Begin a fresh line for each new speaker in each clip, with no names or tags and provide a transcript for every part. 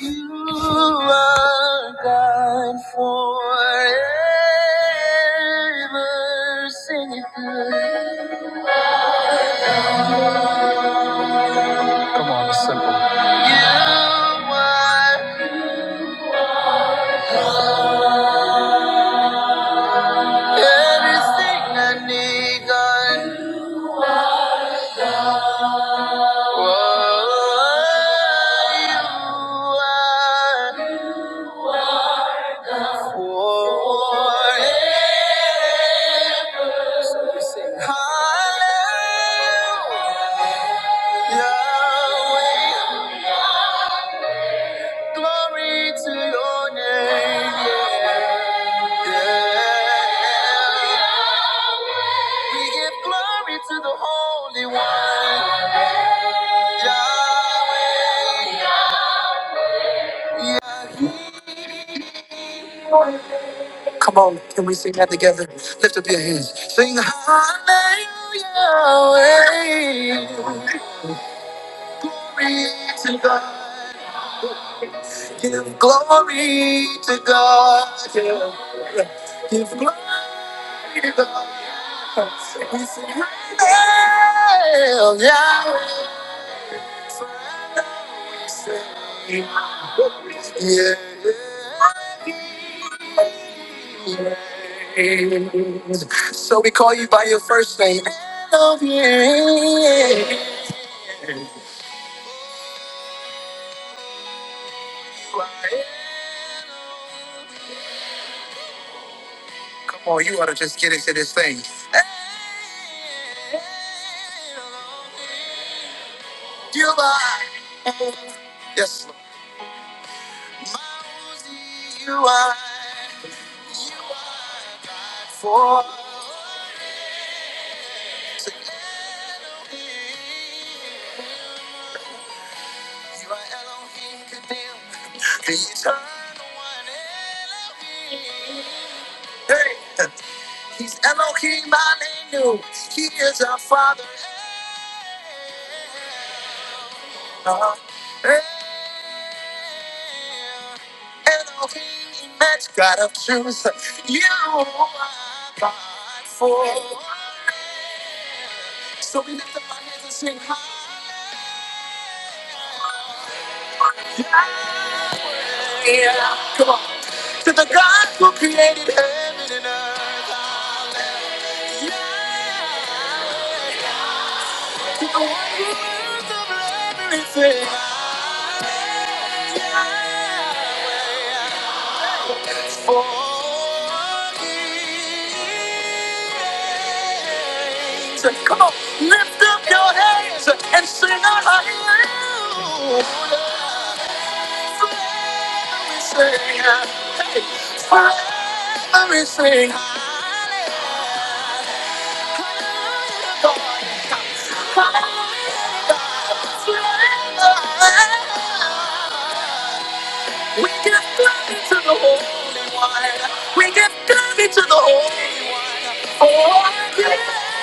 You are God forever. Sing it good. Come on, it's simple. You are everything I need, God. Oh, you are forever. Hallelujah. Yahweh. Glory to your name. Yeah. Yeah. We give glory to the Holy One. Yahweh. Yahweh. Sing hallelujah. Glory to God. Give glory to God. We sing hallelujah. Yeah. So we call you by your first name. Elohim. Come on, you ought to just get into this thing. You are. Yes, Lord. You are for. He's Elohim the one, Elohim. Hey, he's Elohim Malenu. He is our Father. Uh, Elohim, immense God of truth. You are God for. So we lift up our hands and sing Hallelujah. Come on, to the God who created heaven and earth, to the one who anything. Come on, lift up your hands and sing out everything. Hey, for everything. We give glory to the Holy One. We give glory to the Holy One. Oh, yeah.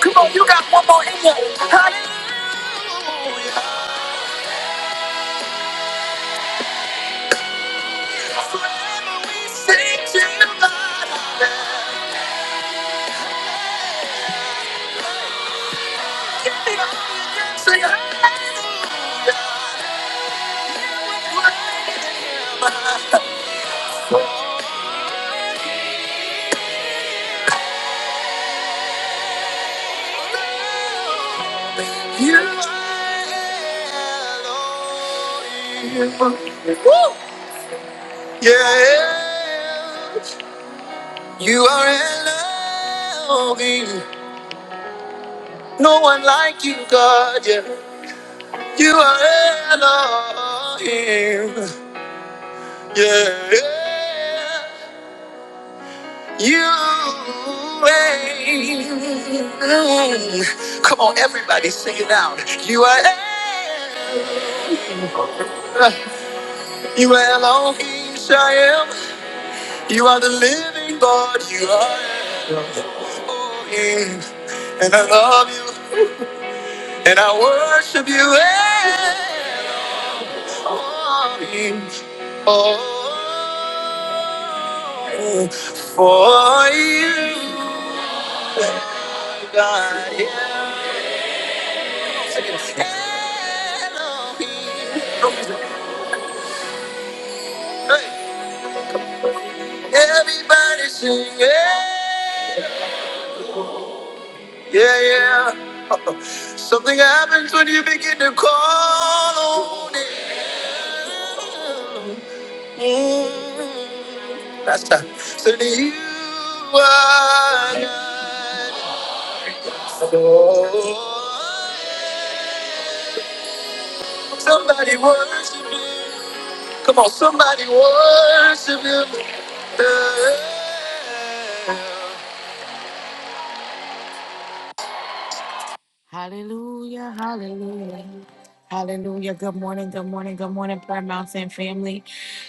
Come on, you got one more in you. Woo! Yeah, you are Elohim. No one like you, God. Yeah, you are Elohim. Yeah, yeah. You reign. Come on, everybody, sing it out. You are El- You are Elohim Shael. You are the living God. You are Elohim, and I love you, and I worship you, Elohim. Oh, for you, God. Yeah. Hey, everybody sing, yeah, yeah, yeah. Something happens when you begin to call on Him. Mm, That's right. So do you are God. Somebody worship Him. Come on, somebody worship Him. Hallelujah, hallelujah, hallelujah. Good morning, good morning, good morning, Prayer Mountain family.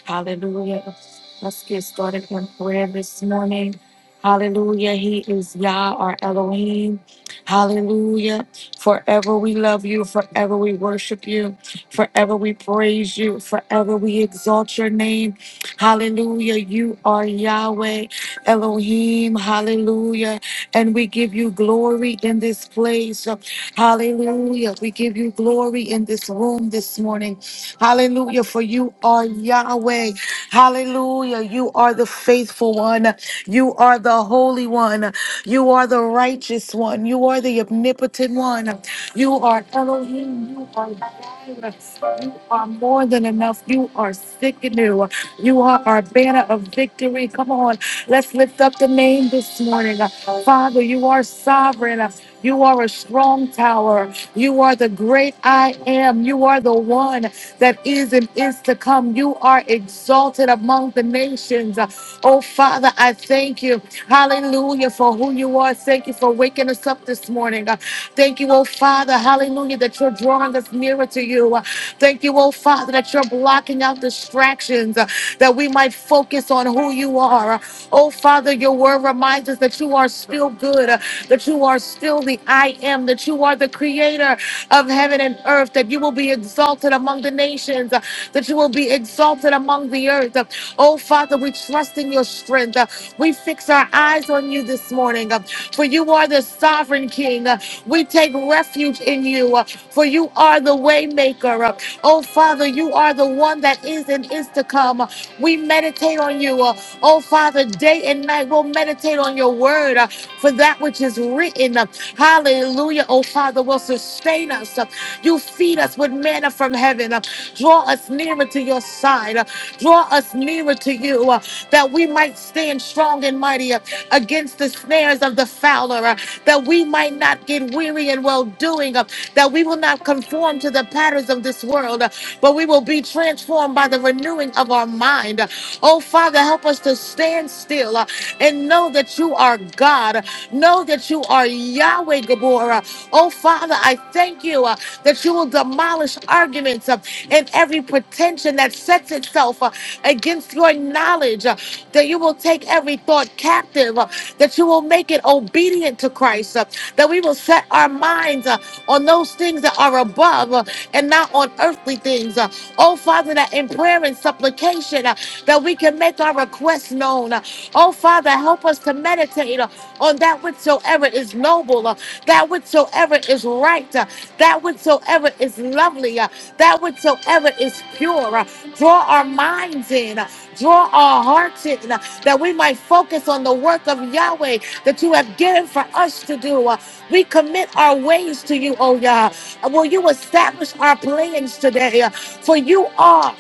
Hallelujah. Let's get started in prayer this morning. Hallelujah. He is Yah, our Elohim. Hallelujah. Forever we love you. Forever we worship you. Forever we praise you. Forever we exalt your name. Hallelujah. You are Yahweh, Elohim. Hallelujah. And we give you glory in this place. Hallelujah. We give you glory in this room this morning. Hallelujah. For you are Yahweh. Hallelujah. You are the faithful one. You are the holy one. You are the righteous one. You are the omnipotent one. You are Elohim. You are Jireh. You are more than enough. You are sick and new. You are our banner of victory. Come on. Let's lift up the name this morning. Father, you are sovereign. You are a strong tower. You are the great I am. You are the one that is and is to come. You are exalted among the nations. Oh, Father, I thank you. Hallelujah for who you are. Thank you for waking us up this morning. Uh, Thank you, oh, Father. Hallelujah that you're drawing us nearer to you. Uh, Thank you, oh, Father, that you're blocking out distractions uh, that we might focus on who you are. Oh, Father, your word reminds us that you are still good, uh, that you are still the I am, that you are the creator of heaven and earth, that you will be exalted among the nations, uh, that you will be exalted among the earth. Uh, Oh, Father, we trust in your strength. Uh, We fix our eyes on you this morning, uh, for you are the sovereign King. We take refuge in you, uh, for you are the waymaker. Uh, oh Father, you are the one that is and is to come. Uh, we meditate on you. Uh, oh Father, day and night we'll meditate on your word, uh, for that which is written. Uh, hallelujah. Oh Father, will sustain us. Uh, you feed us with manna from heaven. Uh, draw us nearer to your side. Uh, draw us nearer to you, uh, that we might stand strong and mighty uh, against the snares of snares of the fowler, uh, that we might not get weary in well doing, that we will not conform to the patterns of this world, uh, but we will be transformed by the renewing of our mind. Oh, Father, help us to stand still uh, and know that you are God. Know that you are Yahweh Gabor. Oh, Father, I thank you uh, that you will demolish arguments uh, and every pretension that sets itself uh, against your knowledge, uh, that you will take every thought captive, uh, that you will make it obedient to Christ, uh, that we will set our minds uh, on those things that are above uh, and not on earthly things. Uh, oh, Father, that in prayer and supplication, uh, that we can make our requests known. Uh, oh, Father, help us to meditate uh, on that whatsoever is noble, uh, that whatsoever is right, uh, that whatsoever is lovely, uh, that whatsoever is pure. uh, draw our minds in, uh, draw our hearts in. uh, that we might focus on the work of Yahweh that you have given for us to do. Uh, We commit our ways to you, oh Yah. Uh, Will you establish our plans today? Uh, For you are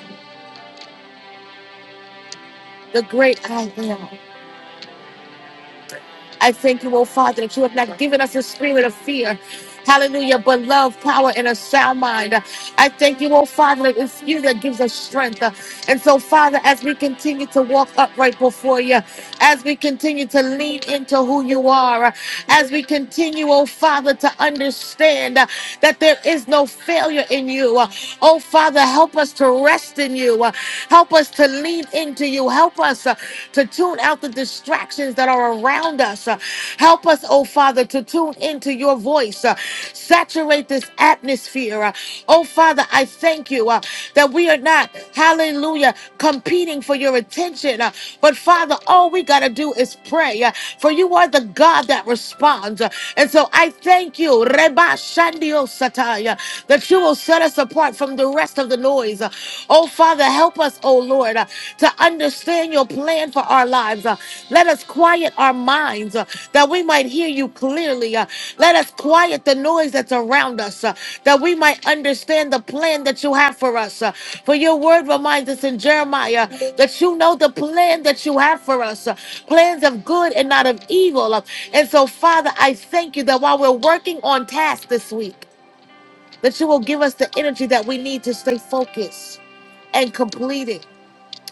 the great I am. I thank you, oh Father, that you have not given us a spirit of fear. Hallelujah, but love, power, and a sound mind. I thank you, oh Father, that it's you that gives us strength. Uh, And so, Father, as we continue to walk upright before you, as we continue to lean into who you are, uh, as we continue, oh Father, to understand uh, that there is no failure in you. Uh, Oh Father, help us to rest in you. Uh, Help us to lean into you. Help us uh, to tune out the distractions that are around us. Uh, Help Help us, oh Father, to tune into your voice. uh, saturate this atmosphere. uh, oh Father, I thank you uh, that we are not, hallelujah, competing for your attention. uh, but Father, all we got to do is pray. uh, for you are the God that responds. uh, and so I thank you, Reba Shandio Sataya, that you will set us apart from the rest of the noise. uh, oh Father, help us, oh Lord. Lord, uh, to understand your plan for our lives. Uh, Let us quiet our minds uh, that we might hear you clearly. Uh, Let us quiet the noise that's around us uh, that we might understand the plan that you have for us. Uh, For your word reminds us in Jeremiah that you know the plan that you have for us uh, plans of good and not of evil. Uh, And so, Father, I thank you that while we're working on tasks this week, that you will give us the energy that we need to stay focused and completed.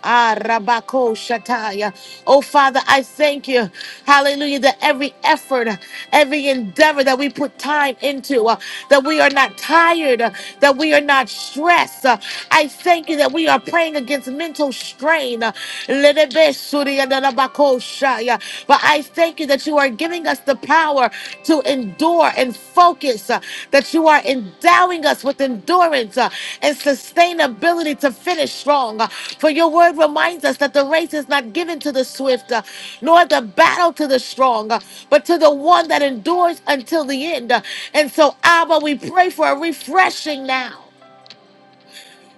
Ah, Rabako Shataya. Oh, Father, I thank you. Hallelujah. That every effort, every endeavor that we put time into, uh, that we are not tired, uh, that we are not stressed. Uh, I thank you that we are praying against mental strain. Uh, Lelebe Suri and Rabako Shaya. But I thank you that you are giving us the the power to endure and focus, uh, that you are endowing us with endurance uh, and sustainability to finish strong. Uh, for your word reminds us that the race is not given to the swift, uh, nor the battle to the strong, uh, but to the one that endures until the end. Uh, and so, Abba, we pray for a refreshing now.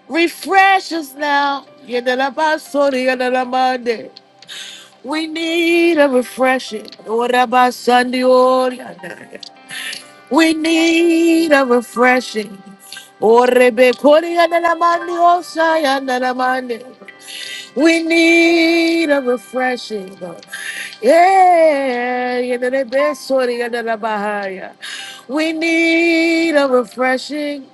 Refresh us now. Yedelabasori, yedelamande. We need a refreshing. Orabasandi, orianda. We need a refreshing. Orebe kori ananamani osai ananamani. We need a refreshing. Yeah, yenenebe sori ananamahaya. we need a refreshing.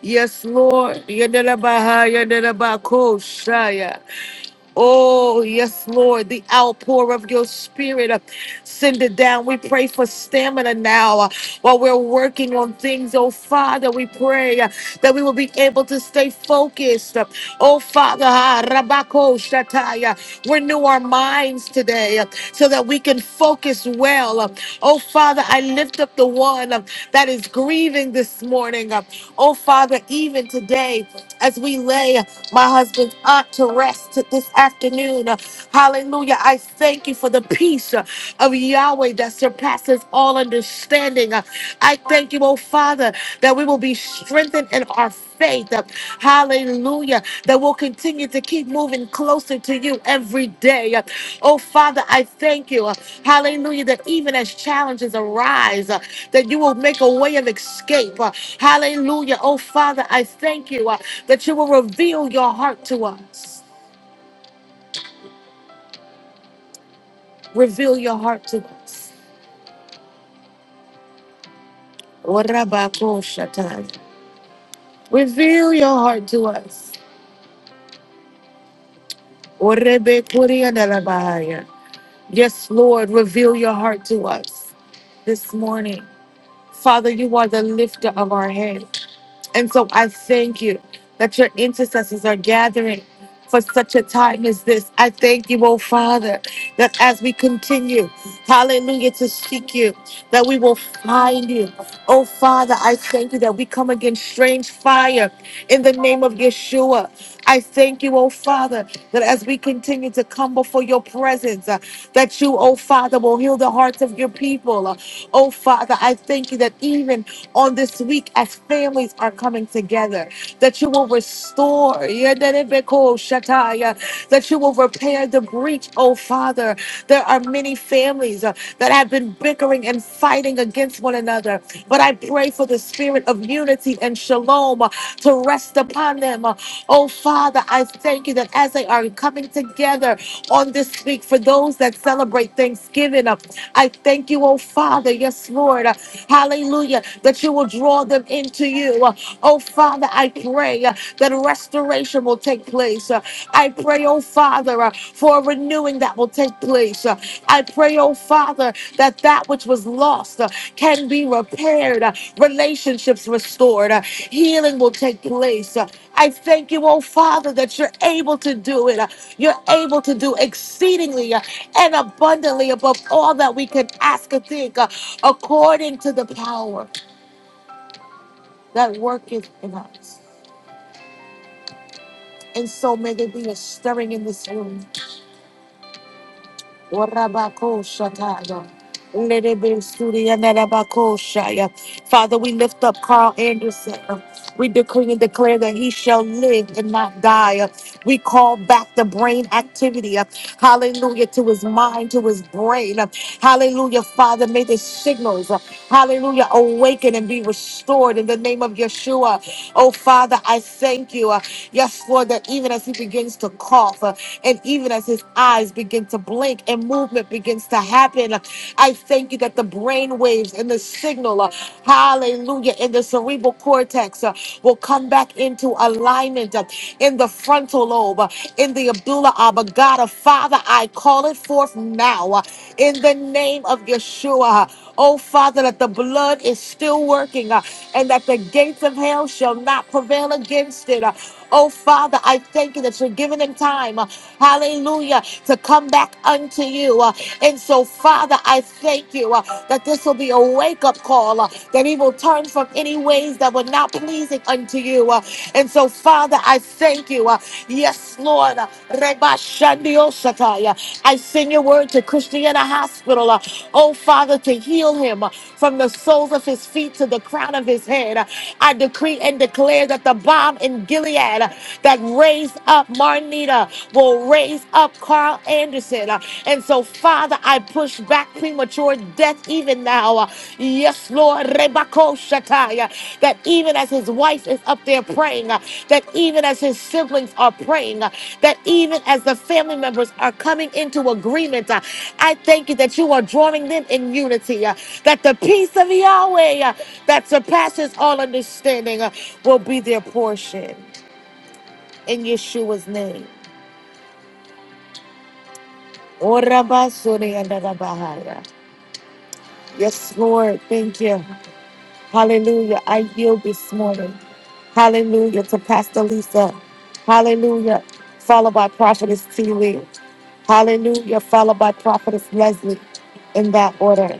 Yes, Lord. Yenenabahaya, yenenabakoshaya. Oh, yes, Lord, the outpour of your spirit. uh, Send it down. We pray for stamina now uh, while we're working on things. Oh, Father, we pray uh, that we will be able to stay focused. Uh, Oh, Father, ah, Rabako Shataya, renew our minds today uh, so that we can focus well. Uh, Oh, Father, I lift up the one uh, that is grieving this morning. Uh, Oh, Father, even today, as we lay uh, my husband's aunt to rest to this afternoon. Uh, Hallelujah. I thank you for the peace uh, of Yahweh that surpasses all understanding. Uh, I thank you, oh Father, that we will be strengthened in our faith. Uh, Hallelujah. That we'll continue to keep moving closer to you every day. Uh, Oh Father, I thank you. Uh, Hallelujah. That even as challenges arise, uh, that you will make a way of escape. Uh, Hallelujah. Oh Father, I thank you uh, that you will reveal your heart to us. Reveal your heart to us. Orabakoshatan. Reveal your heart to us. Orebekuriandarabahaya. Yes, Lord, reveal your heart to us this morning. Father, you are the lifter of our head. And so I thank you that your intercessors are gathering for such a time as this. I thank you, oh Father, that as we continue, hallelujah, to seek you, that we will find you. Oh Father, I thank you that we come against strange fire in the name of Yeshua. I thank you, oh Father, that as we continue to come before your presence, uh, that you, oh Father, will heal the hearts of your people. Uh, oh Father, I thank you that even on this week as families are coming together that you will restore, Yedelebeko that you will repair the breach, oh Father. There are many families uh, that have been bickering and fighting against one another, but I pray for the spirit of unity and shalom uh, to rest upon them. Uh, Oh Father, I thank you that as they are coming together on this week for those that celebrate Thanksgiving, uh, I thank you, oh Father, yes, Lord, uh, hallelujah, that you will draw them into you you. Oh, Father, I pray uh, that restoration will take place. Uh, I pray, oh, Father, uh, for a renewing that will take place. Uh, I pray, oh, Father, that that which was lost uh, can be repaired, uh, relationships restored, uh, healing will take place. Uh, I thank you, oh, Father, that you're able to do it. Uh, You're able to do exceedingly uh, and abundantly above all that we can ask or think uh, according to the power that worketh in us. And so may there be a stirring in this room. Warabako shataya. Lerebe suria narabako shaya. Father, we lift up Carl Anderson. We decree and declare that he shall live and not die. We call back the brain activity. Hallelujah. To his mind, to his brain. Hallelujah, Father. May the signals, uh, hallelujah, awaken and be restored in the name of Yeshua. Oh, Father, I thank you. uh, Yes, Lord, that even as he begins to cough uh, and even as his eyes begin to blink and movement begins to happen, uh, I thank you that the brain waves and the signal, uh, hallelujah, in the cerebral cortex uh, will come back into alignment uh, in the front Toloba, in the Abdullah Abba, God of Father, I call it forth now uh, in the name of Yeshua. Oh, Father, that the blood is still working uh, and that the gates of hell shall not prevail against it. Uh, Oh, Father, I thank you that you're giving them time, uh, hallelujah, to come back unto you. Uh, And so, Father, I thank you uh, that this will be a wake up call, uh, that evil will turn from any ways that were not pleasing unto you. Uh, And so, Father, I thank you. Uh, Yes, Lord. Uh, Reba Shandio Shatai. Uh, I send your word to Christiana Hospital. Uh, Oh, Father, to heal him uh, from the soles of his feet to the crown of his head. Uh, I decree and declare that the bomb in Gilead uh, that raised up Marnita will raise up Carl Anderson. Uh, and so, Father, I push back premature death even now. Uh, Yes, Lord, Rebako Shataya, that even as his wife is up there praying, uh, that even as his siblings are praying, uh, that even as the family members are coming into agreement, uh, I thank you that you are drawing them in unity, uh, that the peace of Yahweh uh, that surpasses all understanding uh, will be their portion. In Yeshua's name. Orabasuri and Yes, Lord. Thank you. Hallelujah. I yield this morning. Hallelujah to Pastor Lisa. Hallelujah. Followed by Prophetess T. Lee. Hallelujah. Followed by Prophetess Leslie in that order.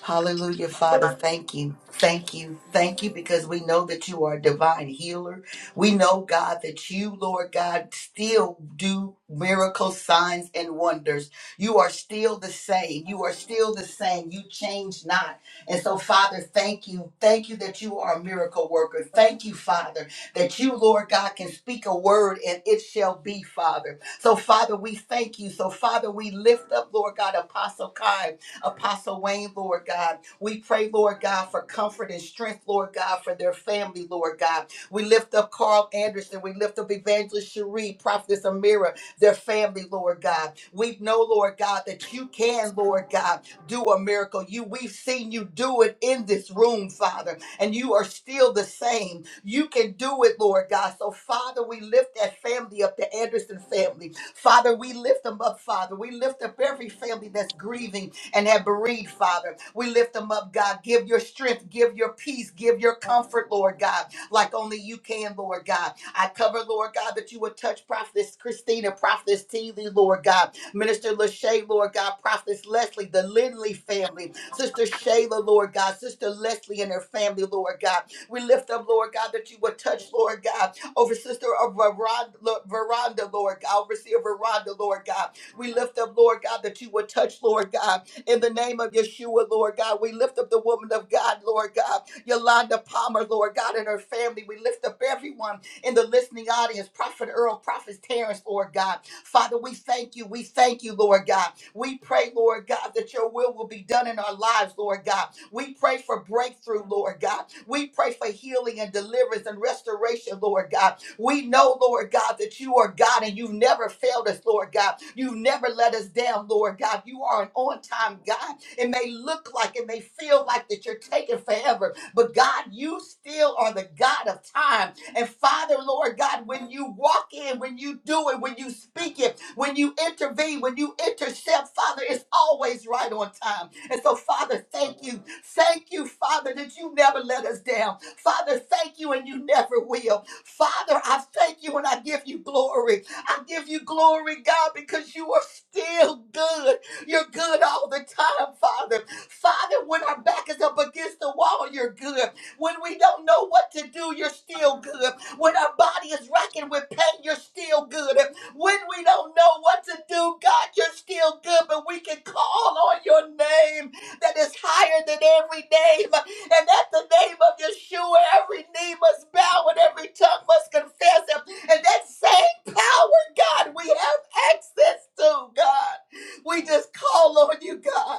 Hallelujah, Father. Thank you. Thank you. Thank you because we know that you are a divine healer. We know, God, that you, Lord God, still do miracles, signs, and wonders. You are still the same. You are still the same. You change not. And so, Father, thank you. Thank you that you are a miracle worker. Thank you, Father, that you, Lord God, can speak a word and it shall be, Father. So, Father, we thank you. So, Father, we lift up, Lord God, Apostle Kai. Apostle Wayne, Lord God. We pray, Lord God, for comfort and strength, Lord God, for their family, Lord God. We lift up Carl Anderson. We lift up Evangelist Cherie, Prophetess Amira, their family, Lord God. We know, Lord God, that you can, Lord God, do a miracle. You we've seen you do it in this room, Father, and you are still the same. You can do it, Lord God. So, Father, we lift that family up, the Anderson family. Father, we lift them up, Father. We lift up every family that's grieving and have bereaved, Father. We lift them up, God. Give your strength, give your peace, give your comfort, Lord God, like only you can, Lord God. I cover, Lord God, that you would touch Prophetess Christina, Prophetess Teeley, Lord God, Minister Lachey, Lord God, Prophetess Leslie, the Lindley family, Sister Shayla, Lord God, Sister Leslie and her family, Lord God. We lift up, Lord God, that you would touch, Lord God, over Sister of Veranda, Lord God, overseer Veranda, Lord God. We lift up, Lord God, that you would touch, Lord God in the name of Yeshua, Lord God. We lift up the woman of God, Lord God, Yolanda Palmer, Lord God, and her family. We lift up everyone in the listening audience, Prophet Earl, Prophet Terrence, Lord God. Father, we thank you. We thank you, Lord God. We pray, Lord God, that your will will be done in our lives, Lord God. We pray for breakthrough, Lord God. We pray for healing and deliverance and restoration, Lord God. We know, Lord God, that you are God and you've never failed us, Lord God. You've never let us down, Lord God. You are an on time God. It may look like, it may feel like that you're taking forever, but God, you still are the God of time. And Father, Lord God, when you walk in, when you do it, when you speak it, when you intervene, when you intercept, Father, it's always right on time. And so, Father, thank you. Thank you, Father, that you never let us down. Father, thank you, and you never will. Father, I thank you and I give you glory. I give you glory, God, because you are still good. You're good all the time, Father. Father, when our back is up against the wall, you're good. When we don't know what to do, you're still good. When our body is racking with pain, you're still good. When we don't know what to do, God, you're still good, but we can call on your name that is higher than every name. And at the name of Yeshua, every knee must bow and every tongue must confess him. And that same power, God, we have access to, God. We just call on you, God.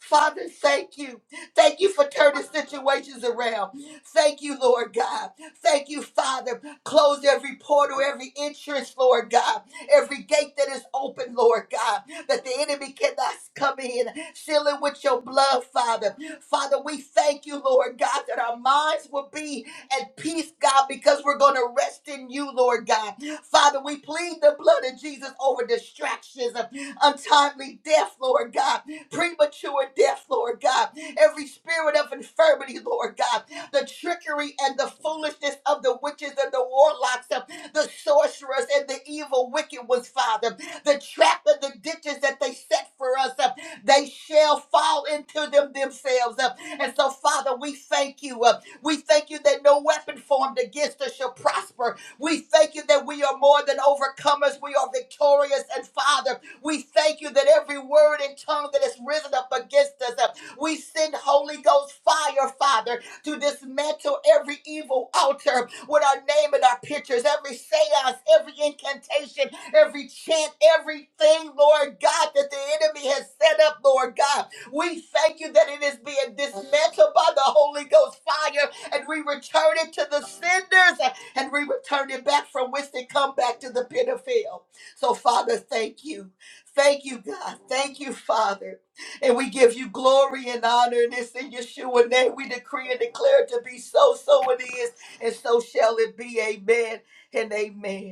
Father, thank you. Thank you for turning situations around. Thank you, Lord God. Thank you, Father. Close every portal, every entrance, Lord God. Every gate that is open, Lord God, that the enemy cannot come in. Seal it with your blood, Father. Father, we thank you, Lord God, that our minds will be at peace, God, because we're going to rest in you, Lord God. Father, we plead the blood of Jesus over distractions, untimely death, Lord God premature death, Lord God. Every spirit of infirmity, Lord God. The trickery and the foolishness of the witches and the warlocks, of the sorcerers and the evil wicked ones, Father. The trap and the ditches that they set for us, uh, they shall fall into them themselves. uh. And so, Father, we thank you. uh, We thank you that no weapon formed against us shall prosper. We thank you that we are more than overcomers. We are victorious. And Father, we thank you that every word and tongue that has risen up against us, uh, we send Holy Ghost fire, Father, to dismantle every evil altar with our name and our pictures, every seance, every incantation, every chant, everything, Lord God, that the enemy has set up, Lord God. We thank you that it is being dismantled by the Holy Ghost fire, and we return it to the senders, uh, and we return it back from whence it come back to the pit of hell. So, Father, thank you. Thank you, God. Thank you, Father. And we give you glory and honor. And it's in Yeshua name we decree and declare it to be so, so it is, and so shall it be. Amen and amen.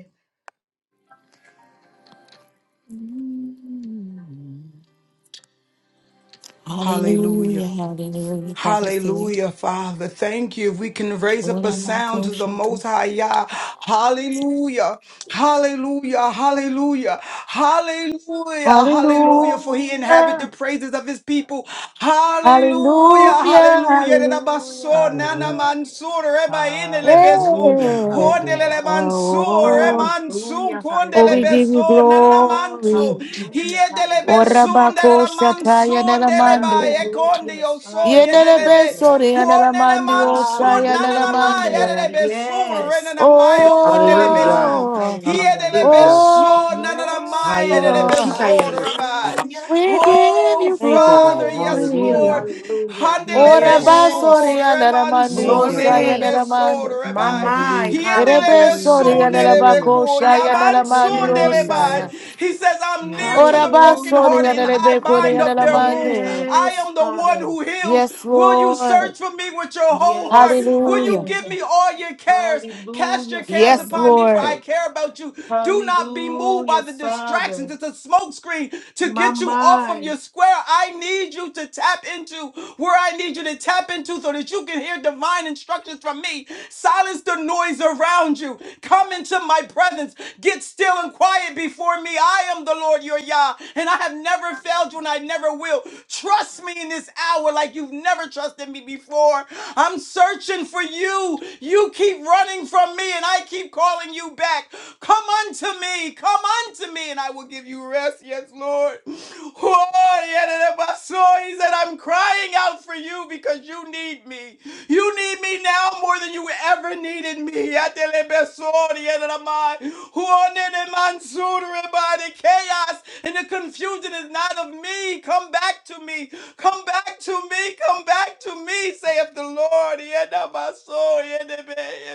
Hallelujah.
Hallelujah.
Hallelujah. Prophetess T. Lee.
Hallelujah, Father. Thank you. If we can raise
Lord,
up a
I'm not
sound
going
to
to
the
shut
Most
them.
High Yah. Hallelujah. Hallelujah. Hallelujah. Hallelujah. Hallelujah. For he inhabit the
Hallelujah.
praises of his people. Hallelujah.
Hallelujah.
Hallelujah.
Hallelujah.
Rebaso, nana
Hallelujah.
mansur, reba inele
Yeah.
beso,
Hallelujah. Hallelujah.
hondelele mansur,
Oh.
remansun,
Hallelujah.
Oh,
kondele
we
Hallelujah.
give you
beso, nana manso,
glory.
Hallelujah. Hallelujah.
hiedele
Hallelujah.
beso,
Orabako
nana
Shataya
deleba
Nelamande.
ekondi yo so
Father, we
Yenele
thank
yetelebe
you.
Besori
huonene
Anelamandi
mansu
Osaya
nanana ma
Hallelujah.
Nelamande.
yetelebe sur
Yes.
renana ma yo
My
kondelebe
Hallelujah.
su
mind.
Oh,
Hallelujah.
yetelebe
Hallelujah.
oh,
so nanana
Yes.
ma yetelebe
oh,
so rabai
Hayelamoshikayelamoshanda.
Hallelujah.
we give
oh
you
Thank you, God.
father yes
Hallelujah.
glory.
lord
Hallelujah.
Hallelujah.
Thank you,
handelebe
God.
sur
Yes.
Orabasori
reman
Anelamandi
Thank
sun
you,
Osaya
God.
Glory.
delebe so
Nelamande.
My
rabai
mind.
Hallelujah.
yendelebe
Erebesori
Hallelujah.
sun delebe
Hallelujah.
Anelabako
ko
My
Shaya
yaman
mind.
Nelamandi
sun
Yes.
delebe
Osaya.
Hallelujah.
he says i'm near
Thank
to
you.
the broken
Orabasori
brokenhearted and
Hallelujah.
I
Anelebekori
bind
Thank
up their
you.
wounds.
Anelamande.
I
Yes,
am the one
Father.
who heals.
Yes,
Will you
Lord.
search for me with your whole heart?
Yes,
Will you
Hallelujah.
Father.
give me all your cares? Cast
Hallelujah,
your cares
Yes,
Father.
upon me, for I
Lord.
care about you. Do not be moved by
Hallelujah,
the distractions.
Father.
It's a smokescreen to
My
get you off of
mind.
your square. I need you to tap into where I need you to tap into so that you can hear divine instructions from me. Silence the noise around you. Come into my presence. Get still and quiet before me me. I am the Lord your Yah, and I have never failed you and I never will. Trust me in this hour like you've never trusted me before. I'm searching for you. You keep running from me, and I keep calling you back. Come unto me, come unto me, and I will give you rest. Yes, Lord. Oh, yeah, yeah, yeah, my soul. He said, I'm crying out for you because you need me. You need me now more than you ever needed me. Atelebesori elamai. Huonene mansuri by the chaos and the confusion is not of me. Come back to me. Come back to me. Come back to me, saith the Lord. Yenabasori enebe.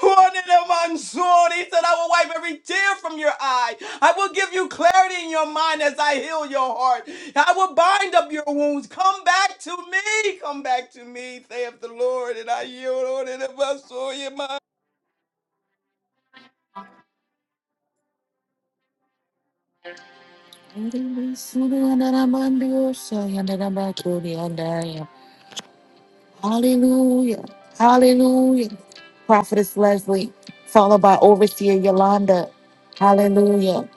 Hornedamanzori. He said, I will wipe every tear from your eye. I will give you clarity in your mind as I heal your heart. I will bind up your wounds. Come back to me. Come back to me, saith the Lord. And I yield on it.
Hallelujah. Hallelujah. Prophetess Leslie, followed by Overseer Yolanda. Hallelujah.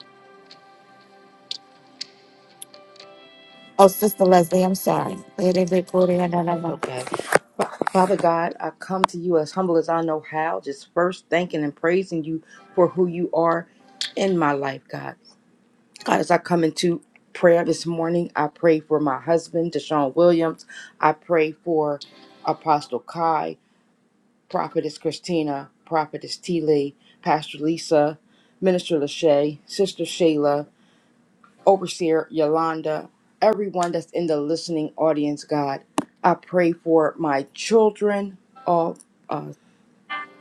Oh, Sister Leslie, I'm sorry.
It's
Hallelujah.
okay. Father God, I come to you as humble as I know how, just first thanking and praising you for who you are in my life, God. God, as I come into prayer this morning, I pray for my husband, Deshaun Williams. I pray for Apostle Kai, Prophetess Christina, Prophetess T. Lee, Pastor Lisa, Minister Lachey, Sister Shayla, Overseer Yolanda, everyone that's in the listening audience, God. I pray for my children, all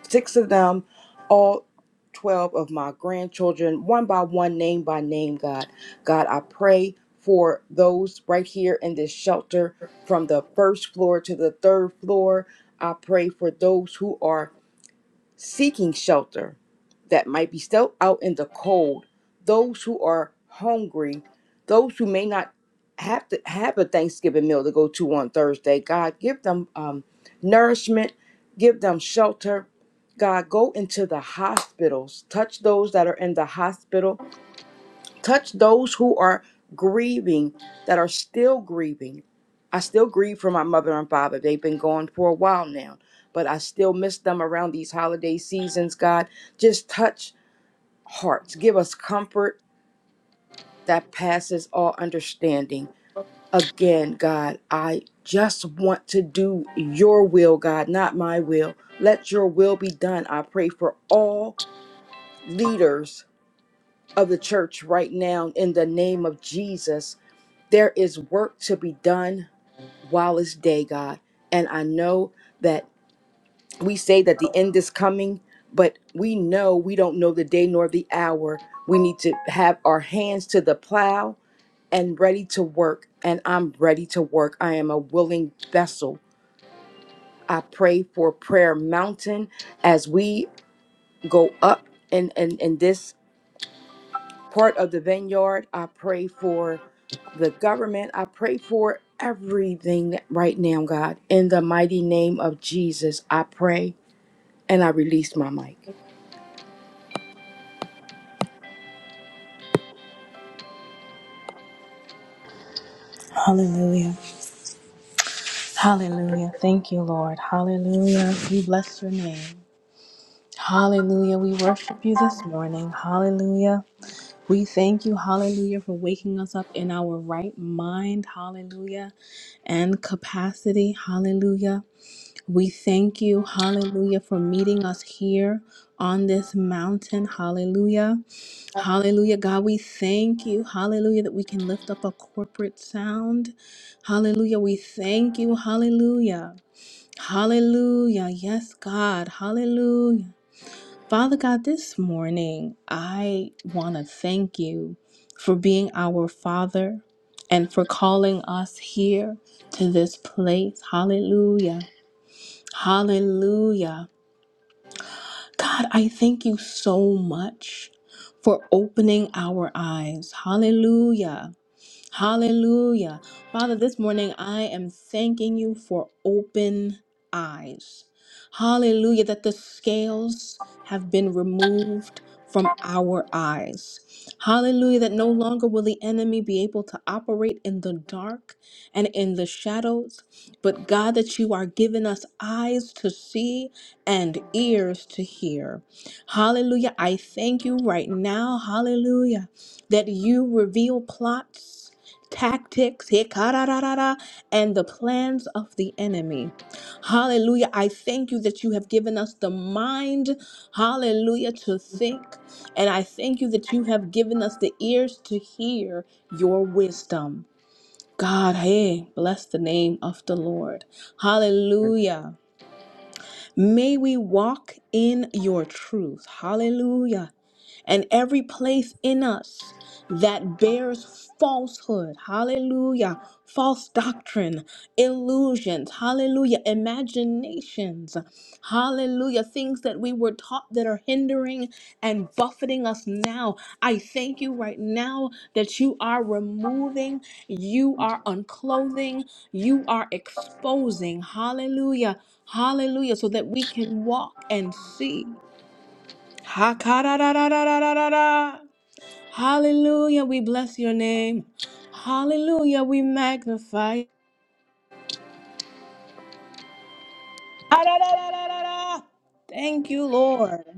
six of them, all 12 of my grandchildren, one by one, name by name, God. God, I pray for those right here in this shelter from the first floor to the third floor. I pray for those who are seeking shelter that might be still out in the cold, those who are hungry, those who may not have to have a Thanksgiving meal to go to on Thursday. God, give them um, nourishment, give them shelter. God, go into the hospitals, touch those that are in the hospital Touch those who are grieving, that are still grieving. I still grieve for my mother and father. They've been gone for a while now, but I still miss them around these holiday seasons, God. Just touch hearts. Give us comfort that passes all understanding. Again, God, I just want to do your will, God, not my will. Let your will be done. I pray for all leaders of the church right now in the name of Jesus There is work to be done while it's day, God. And I know that we say that the end is coming, but we know we don't know the day nor the hour. We need to have our hands to the plow and ready to work. And I'm ready to work. I am a willing vessel. I pray for Prayer Mountain as we go up in, in, in this. part of the vineyard. I pray for the government. I pray for everything right now, God. In the mighty name of Jesus, I pray and I release my mic.
Hallelujah. Hallelujah. Thank you, Lord. Hallelujah. We bless your name. Hallelujah. We worship you this morning. Hallelujah. We thank you, hallelujah, for waking us up in our right mind, hallelujah, and capacity, hallelujah. We thank you, hallelujah, for meeting us here on this mountain, hallelujah. Hallelujah, God, we thank you. Hallelujah, that we can lift up a corporate sound. Hallelujah, we thank you. Hallelujah. Hallelujah. Yes, God. Hallelujah. Father God, this morning, I want to thank you for being our Father and for calling us here to this place. Hallelujah. Hallelujah. God, I thank you so much for opening our eyes. Hallelujah. Hallelujah. Father, this morning I am thanking you for open eyes. Hallelujah, that the scales have been removed from our eyes. Hallelujah, that no longer will the enemy be able to operate in the dark and in the shadows, but God, that you are giving us eyes to see and ears to hear. Hallelujah, I thank you right now. Hallelujah, that you reveal plots tactics hikararara, and the plans of the enemy. Hallelujah. I thank you that you have given us the mind, hallelujah, to think. And I thank you that you have given us the ears to hear your wisdom. God, hey, bless the name of the Lord. Hallelujah. May we walk in your truth. Hallelujah and every place in us that bears falsehood, hallelujah, false doctrine, illusions, hallelujah, imaginations, hallelujah, things that we were taught that are hindering and buffeting us now. I thank you right now that you are removing, you are unclothing, you are exposing, hallelujah, hallelujah, so that we can walk and see. Ha Hallelujah, we bless your name. Hallelujah, we magnify. Ah, da, da, da, da, da, da. Thank you, Lord.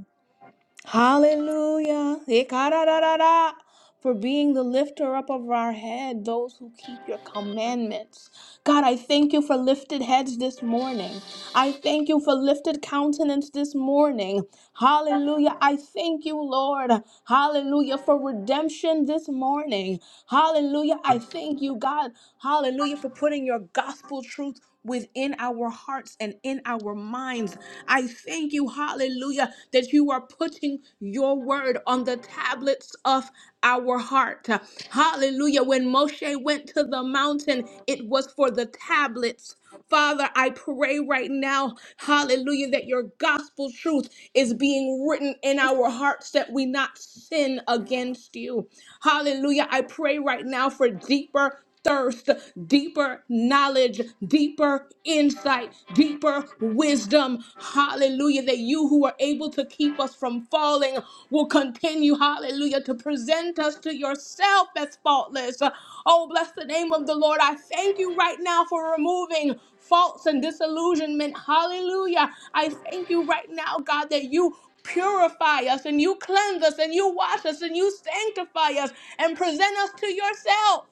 Hallelujah. Ekarararara. For being the lifter up of our head, those who keep your commandments. God, I thank you for lifted heads this morning. I thank you for lifted countenance this morning. Hallelujah. I thank you, Lord. Hallelujah. For redemption this morning. Hallelujah. I thank you, God. Hallelujah. For putting your gospel truth within our hearts and in our minds. I thank you, hallelujah, that you are putting your word on the tablets of our heart. Hallelujah. When Moshe went to the mountain, it was for the tablets Father, I pray right now, hallelujah, that your gospel truth is being written in our hearts that we not sin against you. Hallelujah. I pray right now for deeper thirst, deeper knowledge, deeper insight, deeper wisdom. Hallelujah. That you who are able to keep us from falling will continue, hallelujah, to present us to yourself as faultless. Oh, bless the name of the Lord. I thank you right now for removing faults and disillusionment. Hallelujah. I thank you right now, God, that you. Purify us and you cleanse us and you wash us and you sanctify us and present us to yourself.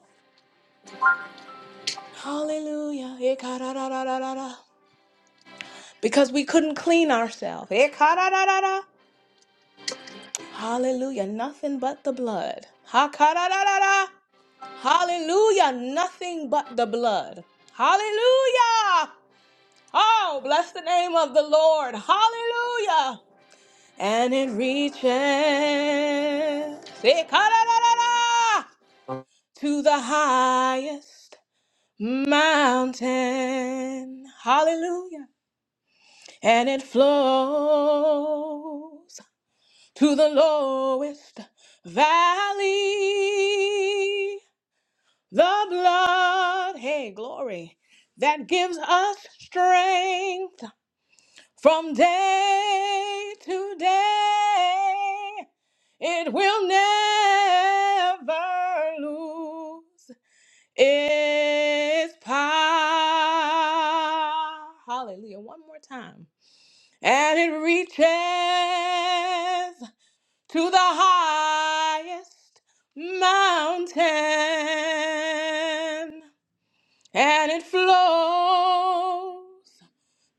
Hallelujah. Because we couldn't clean ourselves. Hallelujah. Nothing but the blood. Ha-ka-da-da-da-da. Hallelujah. Nothing but the blood. Hallelujah. Oh, bless the name of the Lord. Hallelujah. And it reaches eh-ka-da-da-da-da, to the highest mountain. Hallelujah. And it flows. to the lowest valley. The blood, hey, glory, that gives us strength from day to day. It will never lose its power. Hallelujah. One more time. And it reaches to the highest mountain, and it flows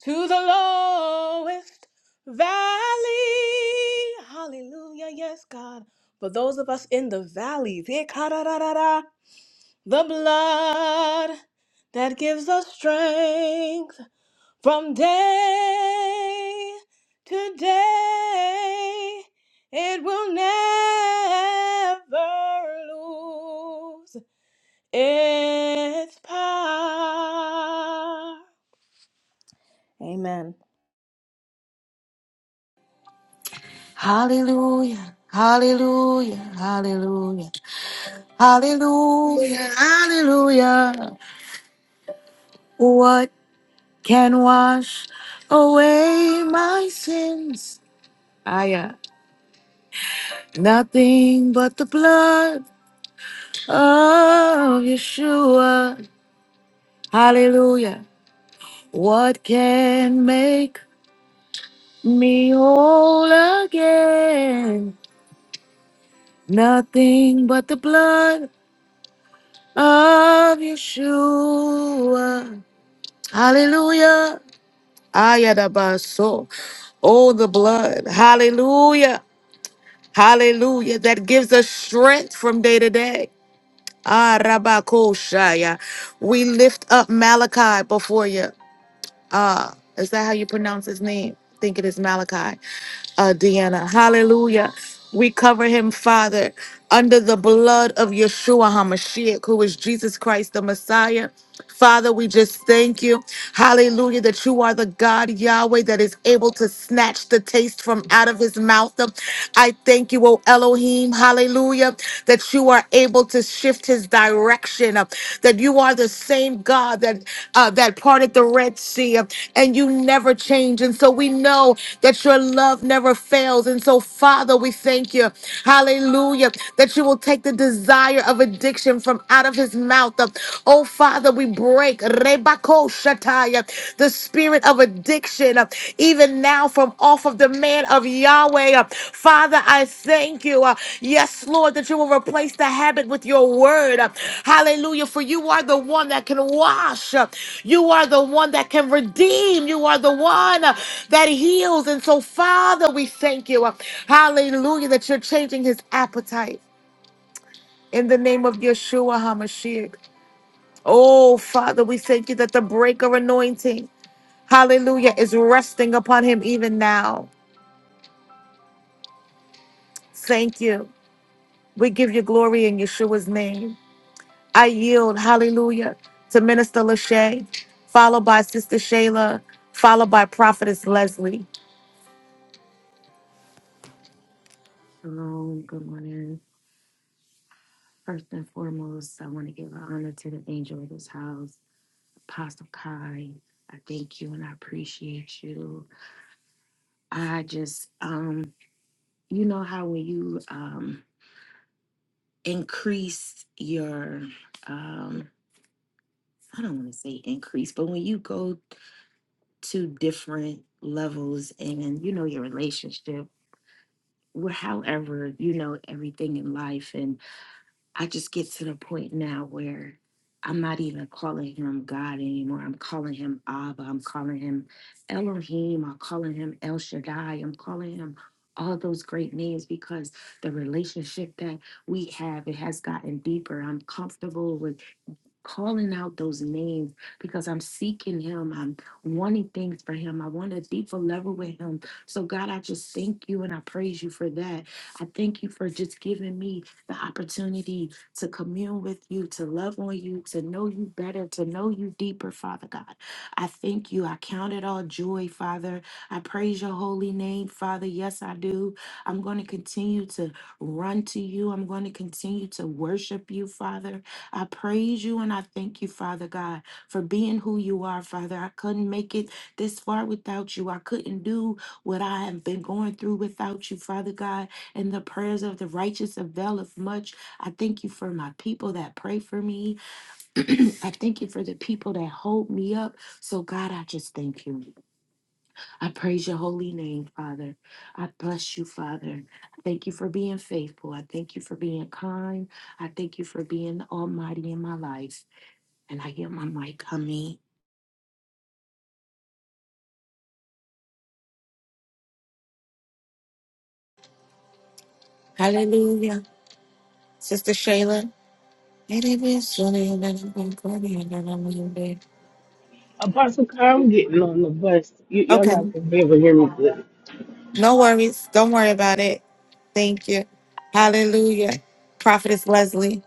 to the lowest valley. Hallelujah, yes, God. For those of us in the valley, the blood that gives us strength from day to day, it will never lose its power. Amen.
Hallelujah. Hallelujah. Hallelujah. Hallelujah. What? can wash away my sins. Nothing but the blood of Yeshua. Hallelujah. What can make me whole again? Nothing but the blood of Yeshua. Hallelujah. Ayadabaso. Oh, the blood. Hallelujah. Hallelujah. That gives us strength from day to day. Ah, Rabakoshaya. We lift up Malachi before you. Uh, is that how you pronounce his name? I think it is Malachi. Uh, Deanna. Hallelujah. We cover him, Father, under the blood of Yeshua HaMashiach, who is Jesus Christ, the Messiah. Father, we just thank you. Hallelujah, that you are the God, Yahweh, that is able to snatch the taste from out of his mouth. I thank you, O Elohim. Hallelujah, that you are able to shift his direction direction, uh, that you are the same God that uh, that parted the Red Sea, uh, and you never change. And so we know that your love never fails. And so, Father, we thank you, Hallelujah, that you will take the desire of addiction from out of His mouth. Uh, oh, Father, we break Rebako Shataya, the spirit of addiction uh, even now from off of the man of Yahweh. Uh, Father, I thank you. uh, Yes, Lord, that you will replace the habit with your word. Uh, Hallelujah. For you are the one that can wash. Uh, You are the one that can redeem. You are the one uh, that heals. And so, Father, we thank you. Uh, Hallelujah, that you're changing his appetite in the name of Yeshua HaMashiach. Oh, Father, we thank you that the breaker anointing, hallelujah, is resting upon him even now. Thank you. We give you glory in Yeshua's name. I yield, hallelujah, to Minister Lachey, followed by Sister Shayla, followed by Prophetess Leslie.
Shalom, good morning. First and foremost, I want to give honor to the angel of this house, Apostle Kai. I thank you and I appreciate you. I just, um, you know how when you um, increase your um, I don't want to say increase, but when you go to different levels and you know when I just report, I'm not ignoring anymore. I'm calling Abba, I'm calling him LI, I'm calling him all these because the relationship that we had with calling. wanting things for Him. I want a deeper level with Him. So, God, I just thank you and I praise you for that. I thank you for just giving me the opportunity to commune with you, to love on you, to know you better, to know you deeper, Father God. I thank you. I count it all joy, Father. I praise your holy name, Father. Yes, I do. I'm going to continue to run to you. I'm going to continue to worship you, Father. I praise you and I thank you, Father God for being who you are, Father. I couldn't make it this far without you. I couldn't do what I have been going through without you, Father God. And the prayers of the righteous availeth much. I thank you for my people that pray for me. I thank you for the people that hold me up. So, God, I just thank you. I praise your holy name, Father. I bless you, Father. I thank you for being faithful. I thank you for being kind. I thank you for being almighty in my life. And I hear my mic coming.
Hallelujah. Sister Shayla.
Apostle Kai, I'm getting on the bus. You, y'all
Okay.
not gonna be able to hear me good.
No worries. Don't worry about it. Thank you. Hallelujah. Prophetess Leslie.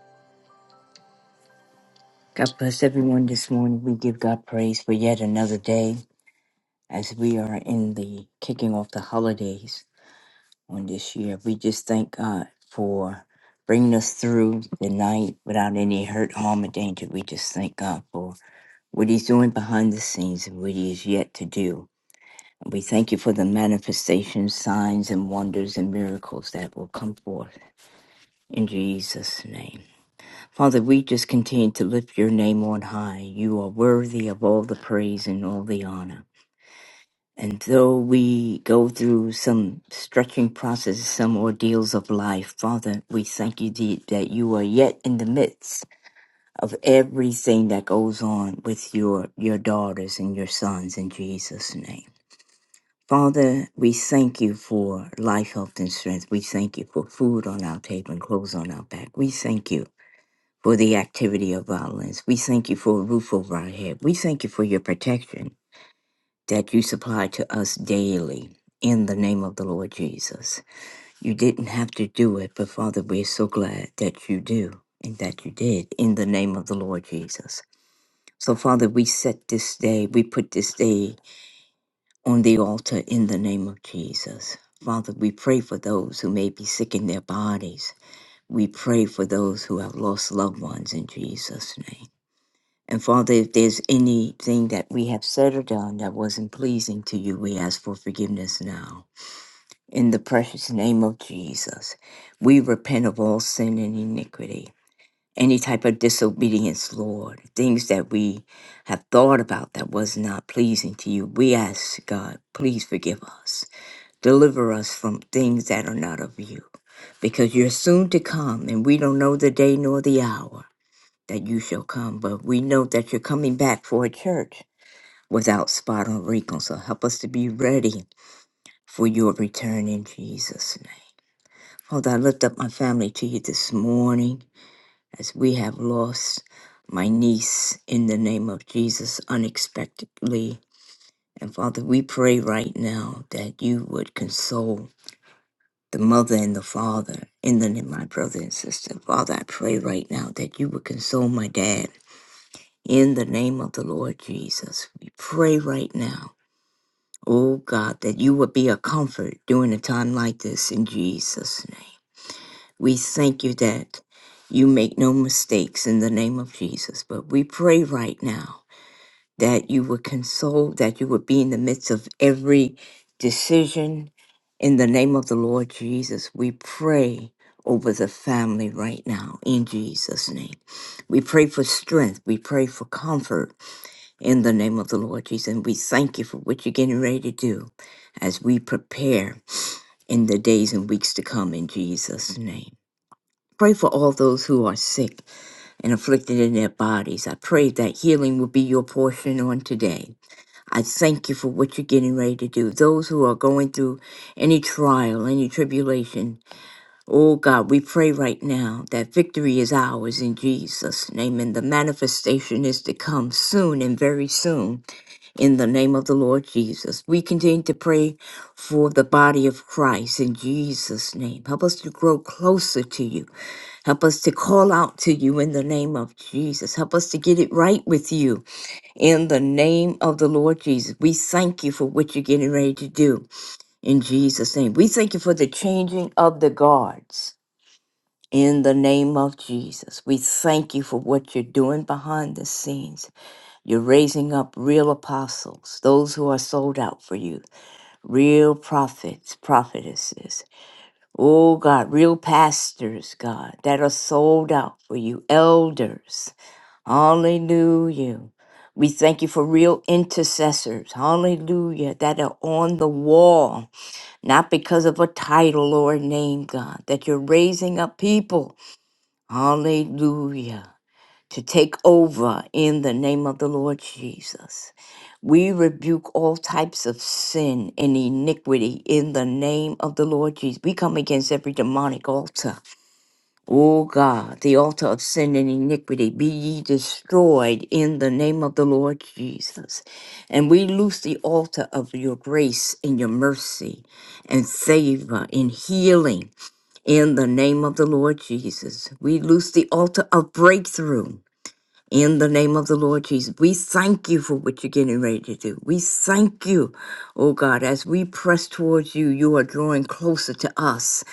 God bless everyone this morning. We give God praise for yet another day as we are in the kicking off the holidays on this year. We just thank God for bringing us through the night without any hurt, harm, or danger. We just thank God for what He's doing behind the scenes and what He is yet to do. And we thank you for the manifestations, signs, and wonders and miracles that will come forth in Jesus' name. Father, we just continue to lift your name on high. You are worthy of all the praise and all the honor. And though we go through some stretching processes, some ordeals of life, Father, we thank you deep that you are yet in the midst of everything that goes on with your, your daughters and your sons in Jesus' name. Father, we thank you for life, health, and strength. We thank you for food on our table and clothes on our back. We thank you for the activity of violence. We thank you for a roof over our head. We thank you for your protection that you supply to us daily in the name of the Lord Jesus. You didn't have to do it, but Father, we're so glad that you do and that you did in the name of the Lord Jesus. So, Father, we set this day, we put this day on the altar in the name of Jesus. Father, we pray for those who may be sick in their bodies. We pray for those who have lost loved ones in Jesus' name. And Father, if there's anything that we have said or done that wasn't pleasing to you, we ask for forgiveness now. In the precious name of Jesus, we repent of all sin and iniquity, any type of disobedience, Lord, things that we have thought about that was not pleasing to you. We ask, God, please forgive us. Deliver us from things that are not of you, because you're soon to come and we don't know the day nor the hour that you shall come, but we know that you're coming back for a church without spot or wrinkle. So help us to be ready for your return in Jesus' name. Father, I lift up my family to you this morning as we have lost my niece in the name of Jesus unexpectedly. And Father, we pray right now that you would console the mother and the father in the name of my brother and sister. Father, I pray right now that you would console my dad In the name of the Lord Jesus, we pray right now, oh God, that you would be a comfort during a time like this in Jesus' name. We thank you that you make no mistakes in the name of Jesus, but we pray right now that you would console, that you would be in the midst of every decision in the name of the Lord Jesus. We pray over the family right now in Jesus' name. We pray for strength, we pray for comfort in the name of the Lord Jesus. And we thank you for what you're getting ready to do as we prepare in the days and weeks to come in Jesus' name. Pray for all those who are sick and afflicted in their bodies. I pray that healing will be your portion on today. I thank you for what you're getting ready to do. Those who are going through any trial, any tribulation, oh God, we pray right now that victory is ours in Jesus' name and the manifestation is to come soon and very soon in the name of the Lord Jesus. We continue to pray for the body of Christ in Jesus' name. Help us to grow closer to you. Help us to call out to you in the name of Jesus. Help us to get it right with you in the name of the Lord Jesus. We thank you for what you're getting ready to do in Jesus' name. We thank you for the changing of the guards. In the name of Jesus, we thank you for what you're doing behind the scenes. You're raising up real apostles, those who are sold out for you, real prophets, prophetesses. Oh God, real pastors, God, that are sold out for you, elders. Hallelujah. We thank you for real intercessors, hallelujah, that are on the wall, not because of a title or a name, God, that you're raising up people, hallelujah, to take over in the name of the Lord Jesus. We rebuke all types of sin and iniquity in the name of the Lord Jesus. We come against every demonic altar. O God, the altar of sin and iniquity, be ye destroyed in the name of the Lord Jesus. And we loose the altar of your grace and your mercy and favor and healing in the name of the Lord Jesus. We loose the altar of breakthrough in the name of the Lord Jesus, we thank you for what you're getting ready to do. We thank you, oh God, as we press towards you, you are drawing closer to us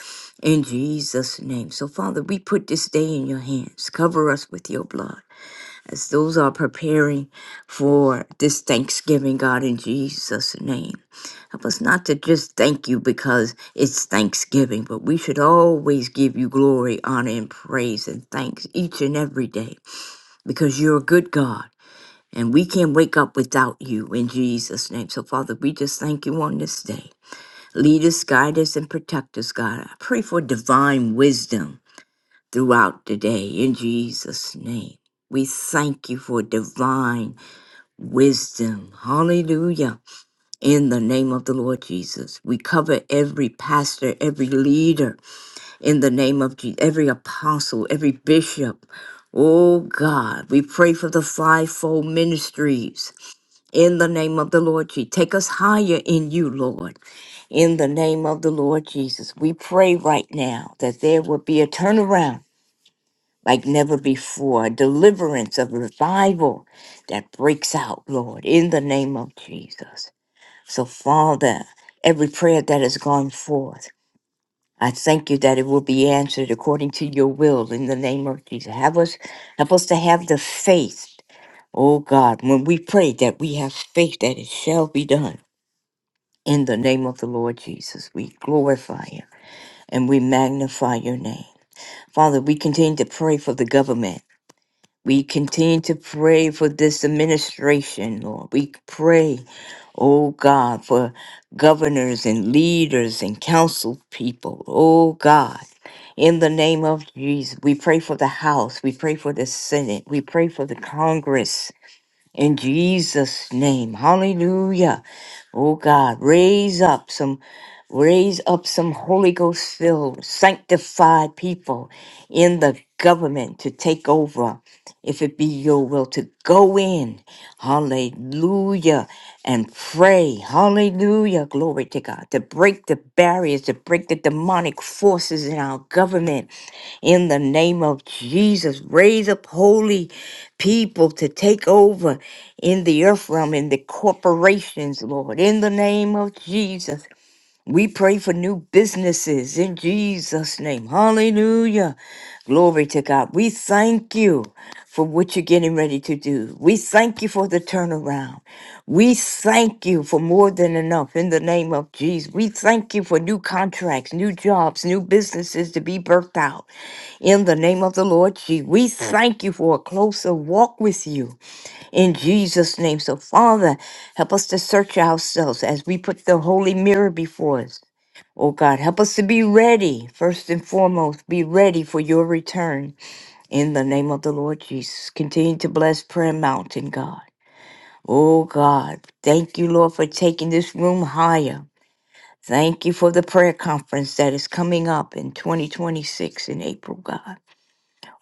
in Jesus' name. So, Father, we put this day in your hands. Cover us with your blood as those are preparing for this Thanksgiving, God, in Jesus' name. Help us not to just thank you because it's Thanksgiving, but we should always give you glory, honor, and praise and thanks each and every day because you're a good God. And we can't wake up without you in Jesus' name. So, Father, we just thank you on this day. Lead us, guide us, and protect us, God. I pray for divine wisdom throughout the day in Jesus' name. We thank you for divine wisdom. Hallelujah. In the name of the Lord Jesus, we cover every pastor, every leader in the name of Jesus, every apostle, every bishop. Oh God, we pray for the fivefold ministries in the name of the Lord Jesus, take us higher in you, Lord. In the name of the Lord Jesus, we pray right now that there will be a turnaround like never before, a deliverance of revival that breaks out, Lord, in the name of Jesus. So, Father, every prayer that has gone forth, I thank you that it will be answered according to your will in the name of Jesus. Have us help us to have the faith, oh God, when we pray that we have faith that it shall be done In the name of the Lord Jesus, we glorify you and we magnify your name. Father, we continue to pray for the government. We continue to pray for this administration, Lord. We pray, oh God, for governors and leaders and council people, oh God. In the name of Jesus, we pray for the House. We pray for the Senate. We pray for the Congress. In Jesus' name, hallelujah. Oh God, raise up some Raise up some Holy Ghost filled, sanctified people in the government to take over, if it be your will, to go in, hallelujah, and pray, hallelujah, glory to God, to break the barriers, to break the demonic forces in our government, in the name of Jesus. Raise up holy people to take over in the earth realm, in the corporations, Lord, in the name of Jesus. We pray for new businesses in Jesus' name. Hallelujah. Glory to God. We thank you for what you're getting ready to do. We thank you for the turnaround. We thank you for more than enough in the name of Jesus. We thank you for new contracts, new jobs, new businesses to be birthed out in the name of the Lord Jesus. We thank you for a closer walk with you in Jesus' name. So, Father, help us to search ourselves as we put the holy mirror before us. Oh God, help us to be ready, first and foremost, be ready for your return in the name of the Lord Jesus. Continue to bless Prayer Mountain, God. Oh God, thank you, Lord, for taking this room higher. Thank you for the prayer conference that is coming up in 2026 in April, God.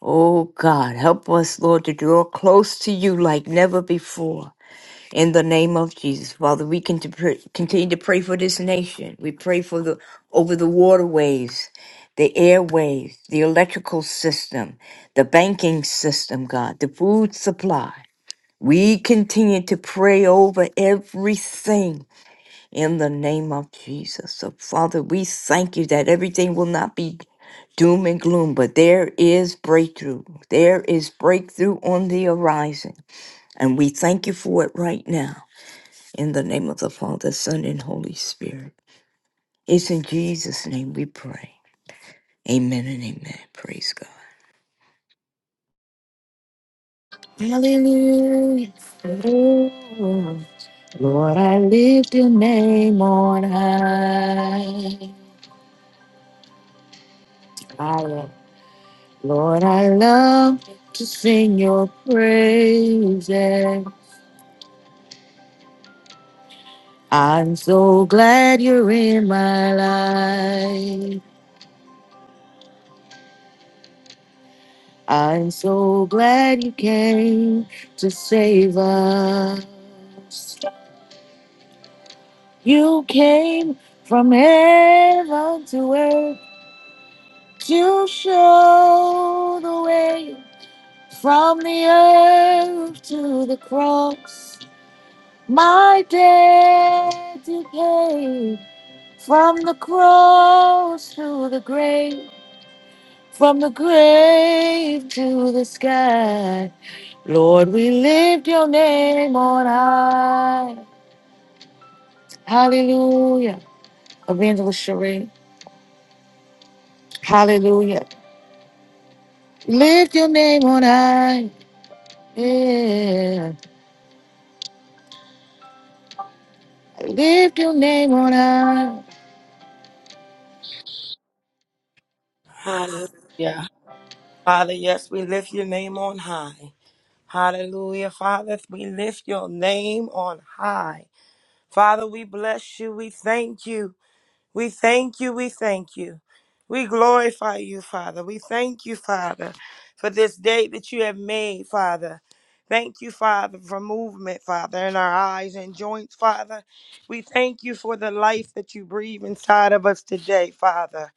Oh God, help us, Lord, to draw close to you like never before. In the name of Jesus, Father, we can to pr- continue to pray for this nation. We pray for the over the waterways, the airways, the electrical system, the banking system, God, the food supply. We continue to pray over everything in the name of Jesus. So, Father, we thank you that everything will not be doom and gloom, but there is breakthrough. There is breakthrough on the horizon. And we thank you for it right now. In the name of the Father, Son, and Holy Spirit. It's in Jesus' name we pray. Amen and amen. Praise God.
Hallelujah. Lord, I lift your name on high. I- Lord, I love to sing your praises. I'm so glad you're in my life. I'm so glad you came to save us. You came from heaven to earth to show the way. From the earth to the cross, my debt you paid. From the cross to the grave, from the grave to the sky. Lord, we lift your name on high. Hallelujah. Evangelist Cherie. Hallelujah. Lift your name on high. Yeah. Lift your name on high.
Hallelujah. Father, yes, we lift your name on high. Hallelujah. Father, we lift your name on high. Father, we bless you. We thank you. We thank you. We thank you. We glorify you, Father. We thank you, Father, for this day that you have made, Father. Thank you, Father, for movement, Father, in our eyes and joints, Father. We thank you for the life that you breathe inside of us today, Father,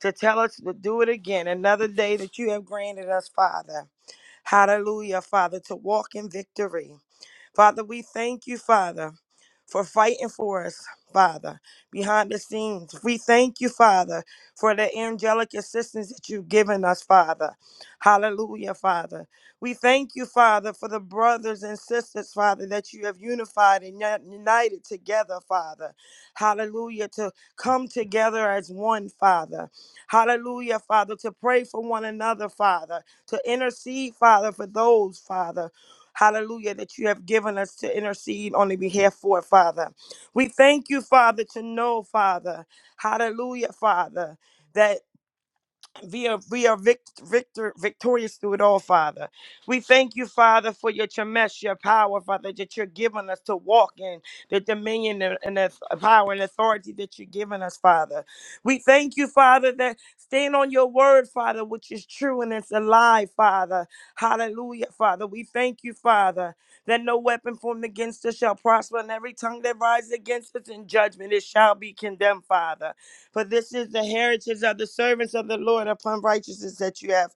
to tell us to do it again, another day that you have granted us, Father. Hallelujah, Father, to walk in victory. Father, we thank you, Father, for fighting for us, Father, behind the scenes. We thank you, Father, for the angelic assistance that you've given us, Father. Hallelujah, Father. We thank you, Father, for the brothers and sisters, Father, that you have unified and uni- united together, Father. Hallelujah, to come together as one, Father. Hallelujah, Father, to pray for one another, Father, to intercede, Father, for those, Father hallelujah, that you have given us to intercede on the behalf for, Father. We thank you, Father, to know, Father, hallelujah, Father we are we are vict- victor victorious through it all, Father. We thank you, Father, for your chemesh, your power, Father, that you're giving us to walk in the dominion and and the power and authority that you're giving us, Father. We thank you, Father, that stand on your word, Father, which is true and it's alive, Father. Hallelujah, Father. We thank you, Father, that no weapon formed against us shall prosper, and every tongue that rises against us in judgment it shall be condemned, Father. For this is the heritage of the servants of the Lord upon righteousness that you have,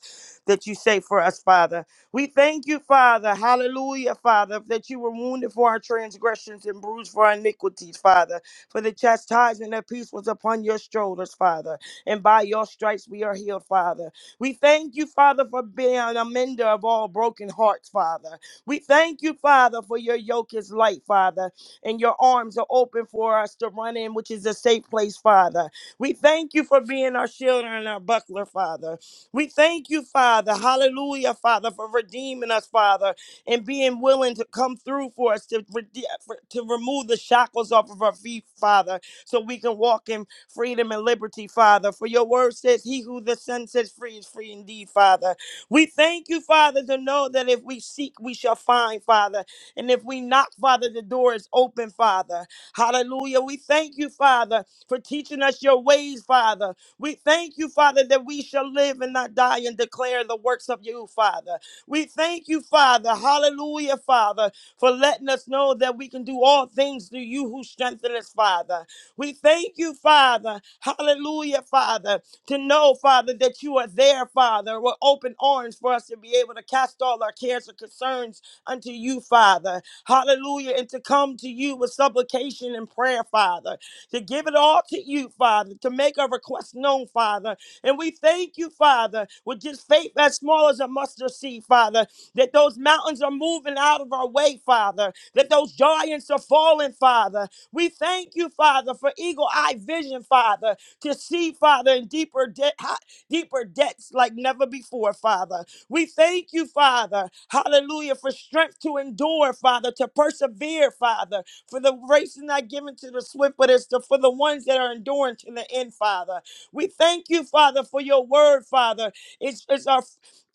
that you say for us, Father. We thank you, Father. Hallelujah, Father, that you were wounded for our transgressions and bruised for our iniquities, Father. For the chastisement of peace was upon your shoulders, Father. And by your stripes we are healed, Father. We thank you, Father, for being an amender of all broken hearts, Father. We thank you, Father, for your yoke is light, Father, and your arms are open for us to run in, which is a safe place, Father. We thank you for being our shield and our buckler, Father. We thank you, Father. Hallelujah, Father, for redeeming us, Father, and being willing to come through for us to, rede- for- to remove the shackles off of our feet, Father, so we can walk in freedom and liberty, Father. For your word says, He who the Son sets free is free indeed, Father. We thank you, Father, to know that if we seek, we shall find, Father. And if we knock, Father, the door is open, Father. Hallelujah. We thank you, Father for teaching us your ways, Father. We thank you, Father, that we shall live and not die and declare the works of you, Father. We thank you, Father. Hallelujah, Father, for letting us know that we can do all things through you who strengthen us, Father. We thank you, Father. Hallelujah, Father, to know, Father, that you are there, Father, with open arms for us to be able to cast all our cares and concerns unto you, Father. Hallelujah, and to come to you with supplication and prayer, Father to give it all to you, Father, to make our request known, Father. And we thank you, Father, with just faith as small as a mustard seed, Father, that those mountains are moving out of our way, Father, that those giants are falling, Father. We thank you, Father, for eagle eye vision, Father, to see, Father, in deeper, de- hi- deeper depths like never before, Father. We thank you, Father, hallelujah, for strength to endure, Father, to persevere, Father. For the race is not given to the swift, but it's the, for the ones that are enduring to the end, Father. We thank you, Father, for your word, Father. It's, it's our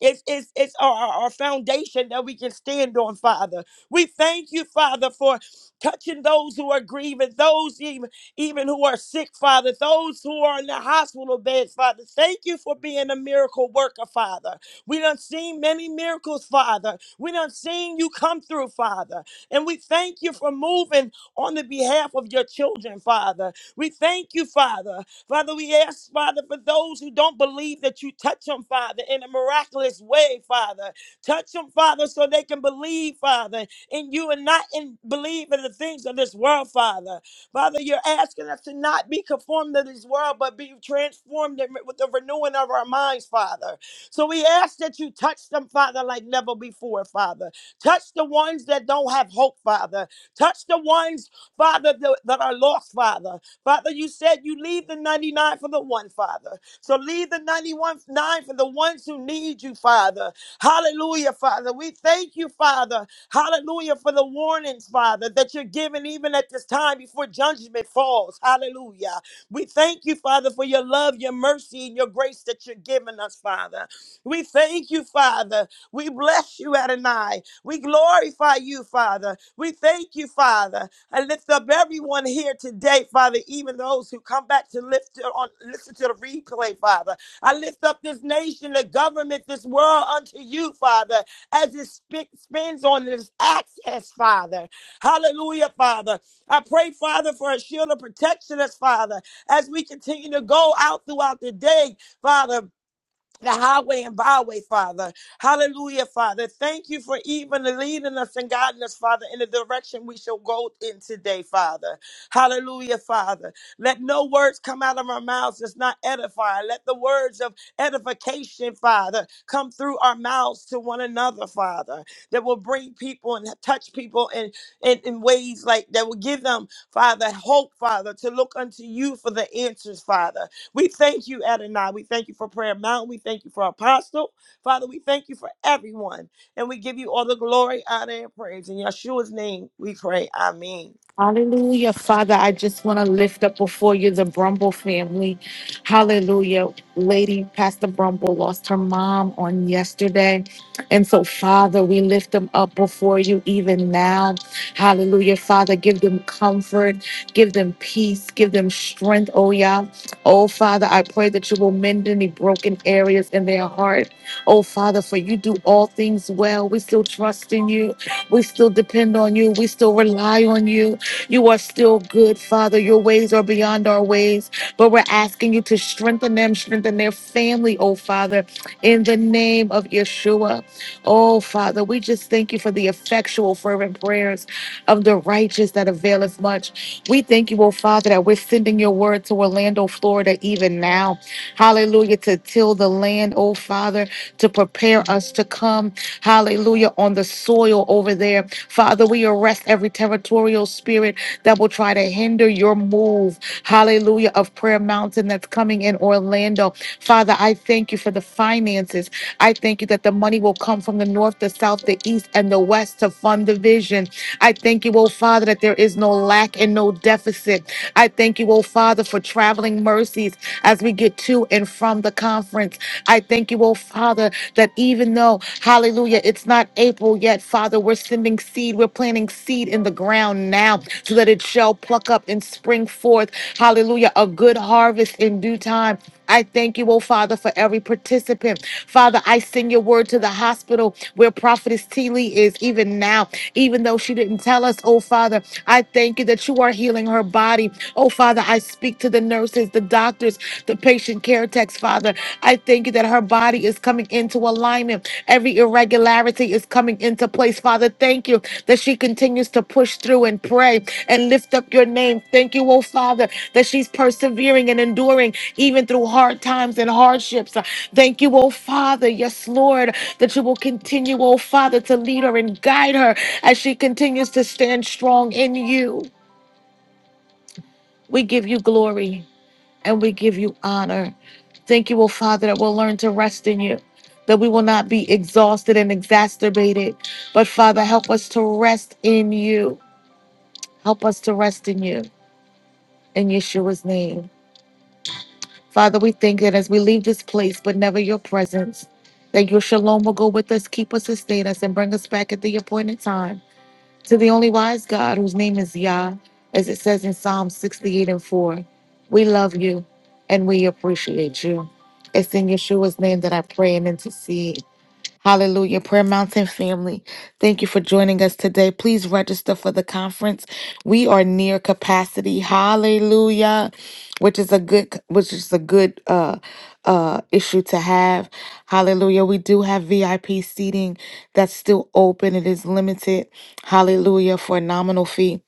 it's, it's, it's our, our our foundation that we can stand on, Father. We thank you, Father, for touching those who are grieving, those even, even who are sick, Father, those who are in the hospital beds, Father. Thank you for being a miracle worker, Father. We done seen many miracles, Father. We done seen you come through, Father. And we thank you for moving on the behalf of your children, Father. We thank you, Father. Father, we ask, Father, for those who don't believe that you touch them, Father, in a miraculous way, Father. Touch them, Father, so they can believe, Father, in you and not in believe in the things of this world, Father. Father, you're asking us to not be conformed to this world, but be transformed in- with the renewing of our minds, Father. So we ask that you touch them, Father, like never before, Father. Touch the ones that don't have hope, Father. Touch the ones, Father, that, that are lost, Father. Father, you said you leave the 99 for the one, Father. So leave the 91 nine for the ones who need you, Father. Hallelujah, Father. We thank you, Father. Hallelujah for the warnings, Father, that you're giving even at this time before judgment falls. Hallelujah. We thank you, Father, for your love, your mercy, and your grace that you're giving us, Father. We thank you, Father. We bless you, Adonai. We glorify you, Father. We thank you, Father. I lift up everyone here today, Father, even those who come back to lift to- on listen to the replay, Father. I lift up this nation, the government, this world unto you, Father, as it sp- spins on this access, Father. Hallelujah, Father. I pray, Father, for a shield of protection us, Father, as we continue to go out throughout the day, Father the highway and byway, Father. Hallelujah, Father. Thank you for even leading us and guiding us, Father, in the direction we shall go in today, Father. Hallelujah, Father. Let no words come out of our mouths that's not edifying. Let the words of edification, Father, come through our mouths to one another, Father, that will bring people and touch people in, in, in ways like that will give them, Father, hope, Father, to look unto you for the answers, Father. We thank you, Adonai. We thank you for Prayer Mountain. We thank you for Apostle. Father, we thank you for everyone. And we give you all the glory, honor, and praise. In Yeshua's name, we pray. Amen.
Hallelujah, Father. I just want to lift up before you the Brumble family. Hallelujah. Lady Pastor Brumble lost her mom on yesterday. And so, Father, we lift them up before you even now. Hallelujah, Father. Give them comfort, give them peace, give them strength, oh yeah. Oh, Father, I pray that you will mend any broken areas in their heart. Oh, Father, for you do all things well. We still trust in you, we still depend on you, we still rely on you. You are still good, Father. Your ways are beyond our ways, but we're asking you to strengthen them, strengthen their family, oh Father, in the name of Yeshua. Oh Father, we just thank you for the effectual, fervent prayers of the righteous that availeth much. We thank you, oh Father, that we're sending your word to Orlando, Florida, even now. Hallelujah. To till the land, oh Father, to prepare us to come. Hallelujah. On the soil over there. Father, we arrest every territorial spirit that will try to hinder your move. Hallelujah. Of Prayer Mountain that's coming in Orlando. Father, I thank you for the finances. I thank you that the money will come from the north, the south, the east, and the west to fund the vision. I thank you, oh Father, that there is no lack and no deficit. I thank you, oh Father, for traveling mercies as we get to and from the conference. I thank you, oh Father, that even though, hallelujah, it's not April yet, Father, we're sending seed, we're planting seed in the ground now so that it shall pluck up and spring forth, hallelujah, a good harvest in due time. I thank you, oh Father, for every participant. Father, I send your word to the hospital where Prophetess T. Lee is even now, even though she didn't tell us, oh Father. I thank you that you are healing her body. Oh Father, I speak to the nurses, the doctors, the patient care techs, Father. I thank you that her body is coming into alignment. Every irregularity clarity is coming into place. Father, thank you that she continues to push through and pray and lift up your name. Thank you, oh Father, that she's persevering and enduring even through hard times and hardships. Thank you, oh Father, yes, Lord, that you will continue, oh Father, to lead her and guide her as she continues to stand strong in you. We give you glory and we give you honor. Thank you, O Father, that we'll learn to rest in you, that we will not be exhausted and exacerbated. But Father, help us to rest in you. Help us to rest in you. In Yeshua's name. Father, we thank that as we leave this place, but never your presence, that your shalom will go with us, keep us, sustain us, and bring us back at the appointed time. To the only wise God, whose name is Yah, as it says in Psalm 68 and 4, we love you and we appreciate you. It's in Yeshua's name that I pray and intercede. Hallelujah. Prayer Mountain family, thank you for joining us today. Please register for the conference. We are near capacity. Hallelujah. Which is a good which is a good uh uh issue to have. Hallelujah. We do have VIP seating that's still open. It is limited. Hallelujah for a nominal fee.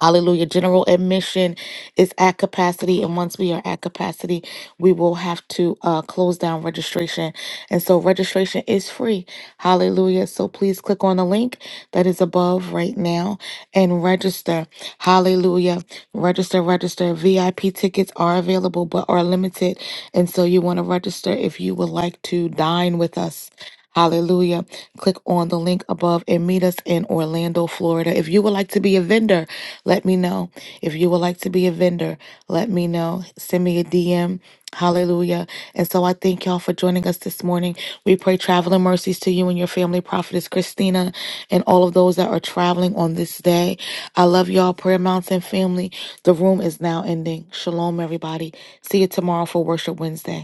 Hallelujah. General admission is at capacity. And once we are at capacity, we will have to uh, close down registration. And so registration is free. Hallelujah. So please click on the link that is above right now and register. Hallelujah. Register, register. VIP tickets are available but are limited. And so you want to register if you would like to dine with us. Hallelujah. Click on the link above and meet us in Orlando, Florida. If you would like to be a vendor, let me know. If you would like to be a vendor, let me know. Send me a DM. Hallelujah. And so I thank y'all for joining us this morning. We pray traveling mercies to you and your family, Prophetess Christina, and all of those that are traveling on this day. I love y'all, Prayer Mountain family. The room is now ending. Shalom, everybody. See you tomorrow for Worship Wednesday.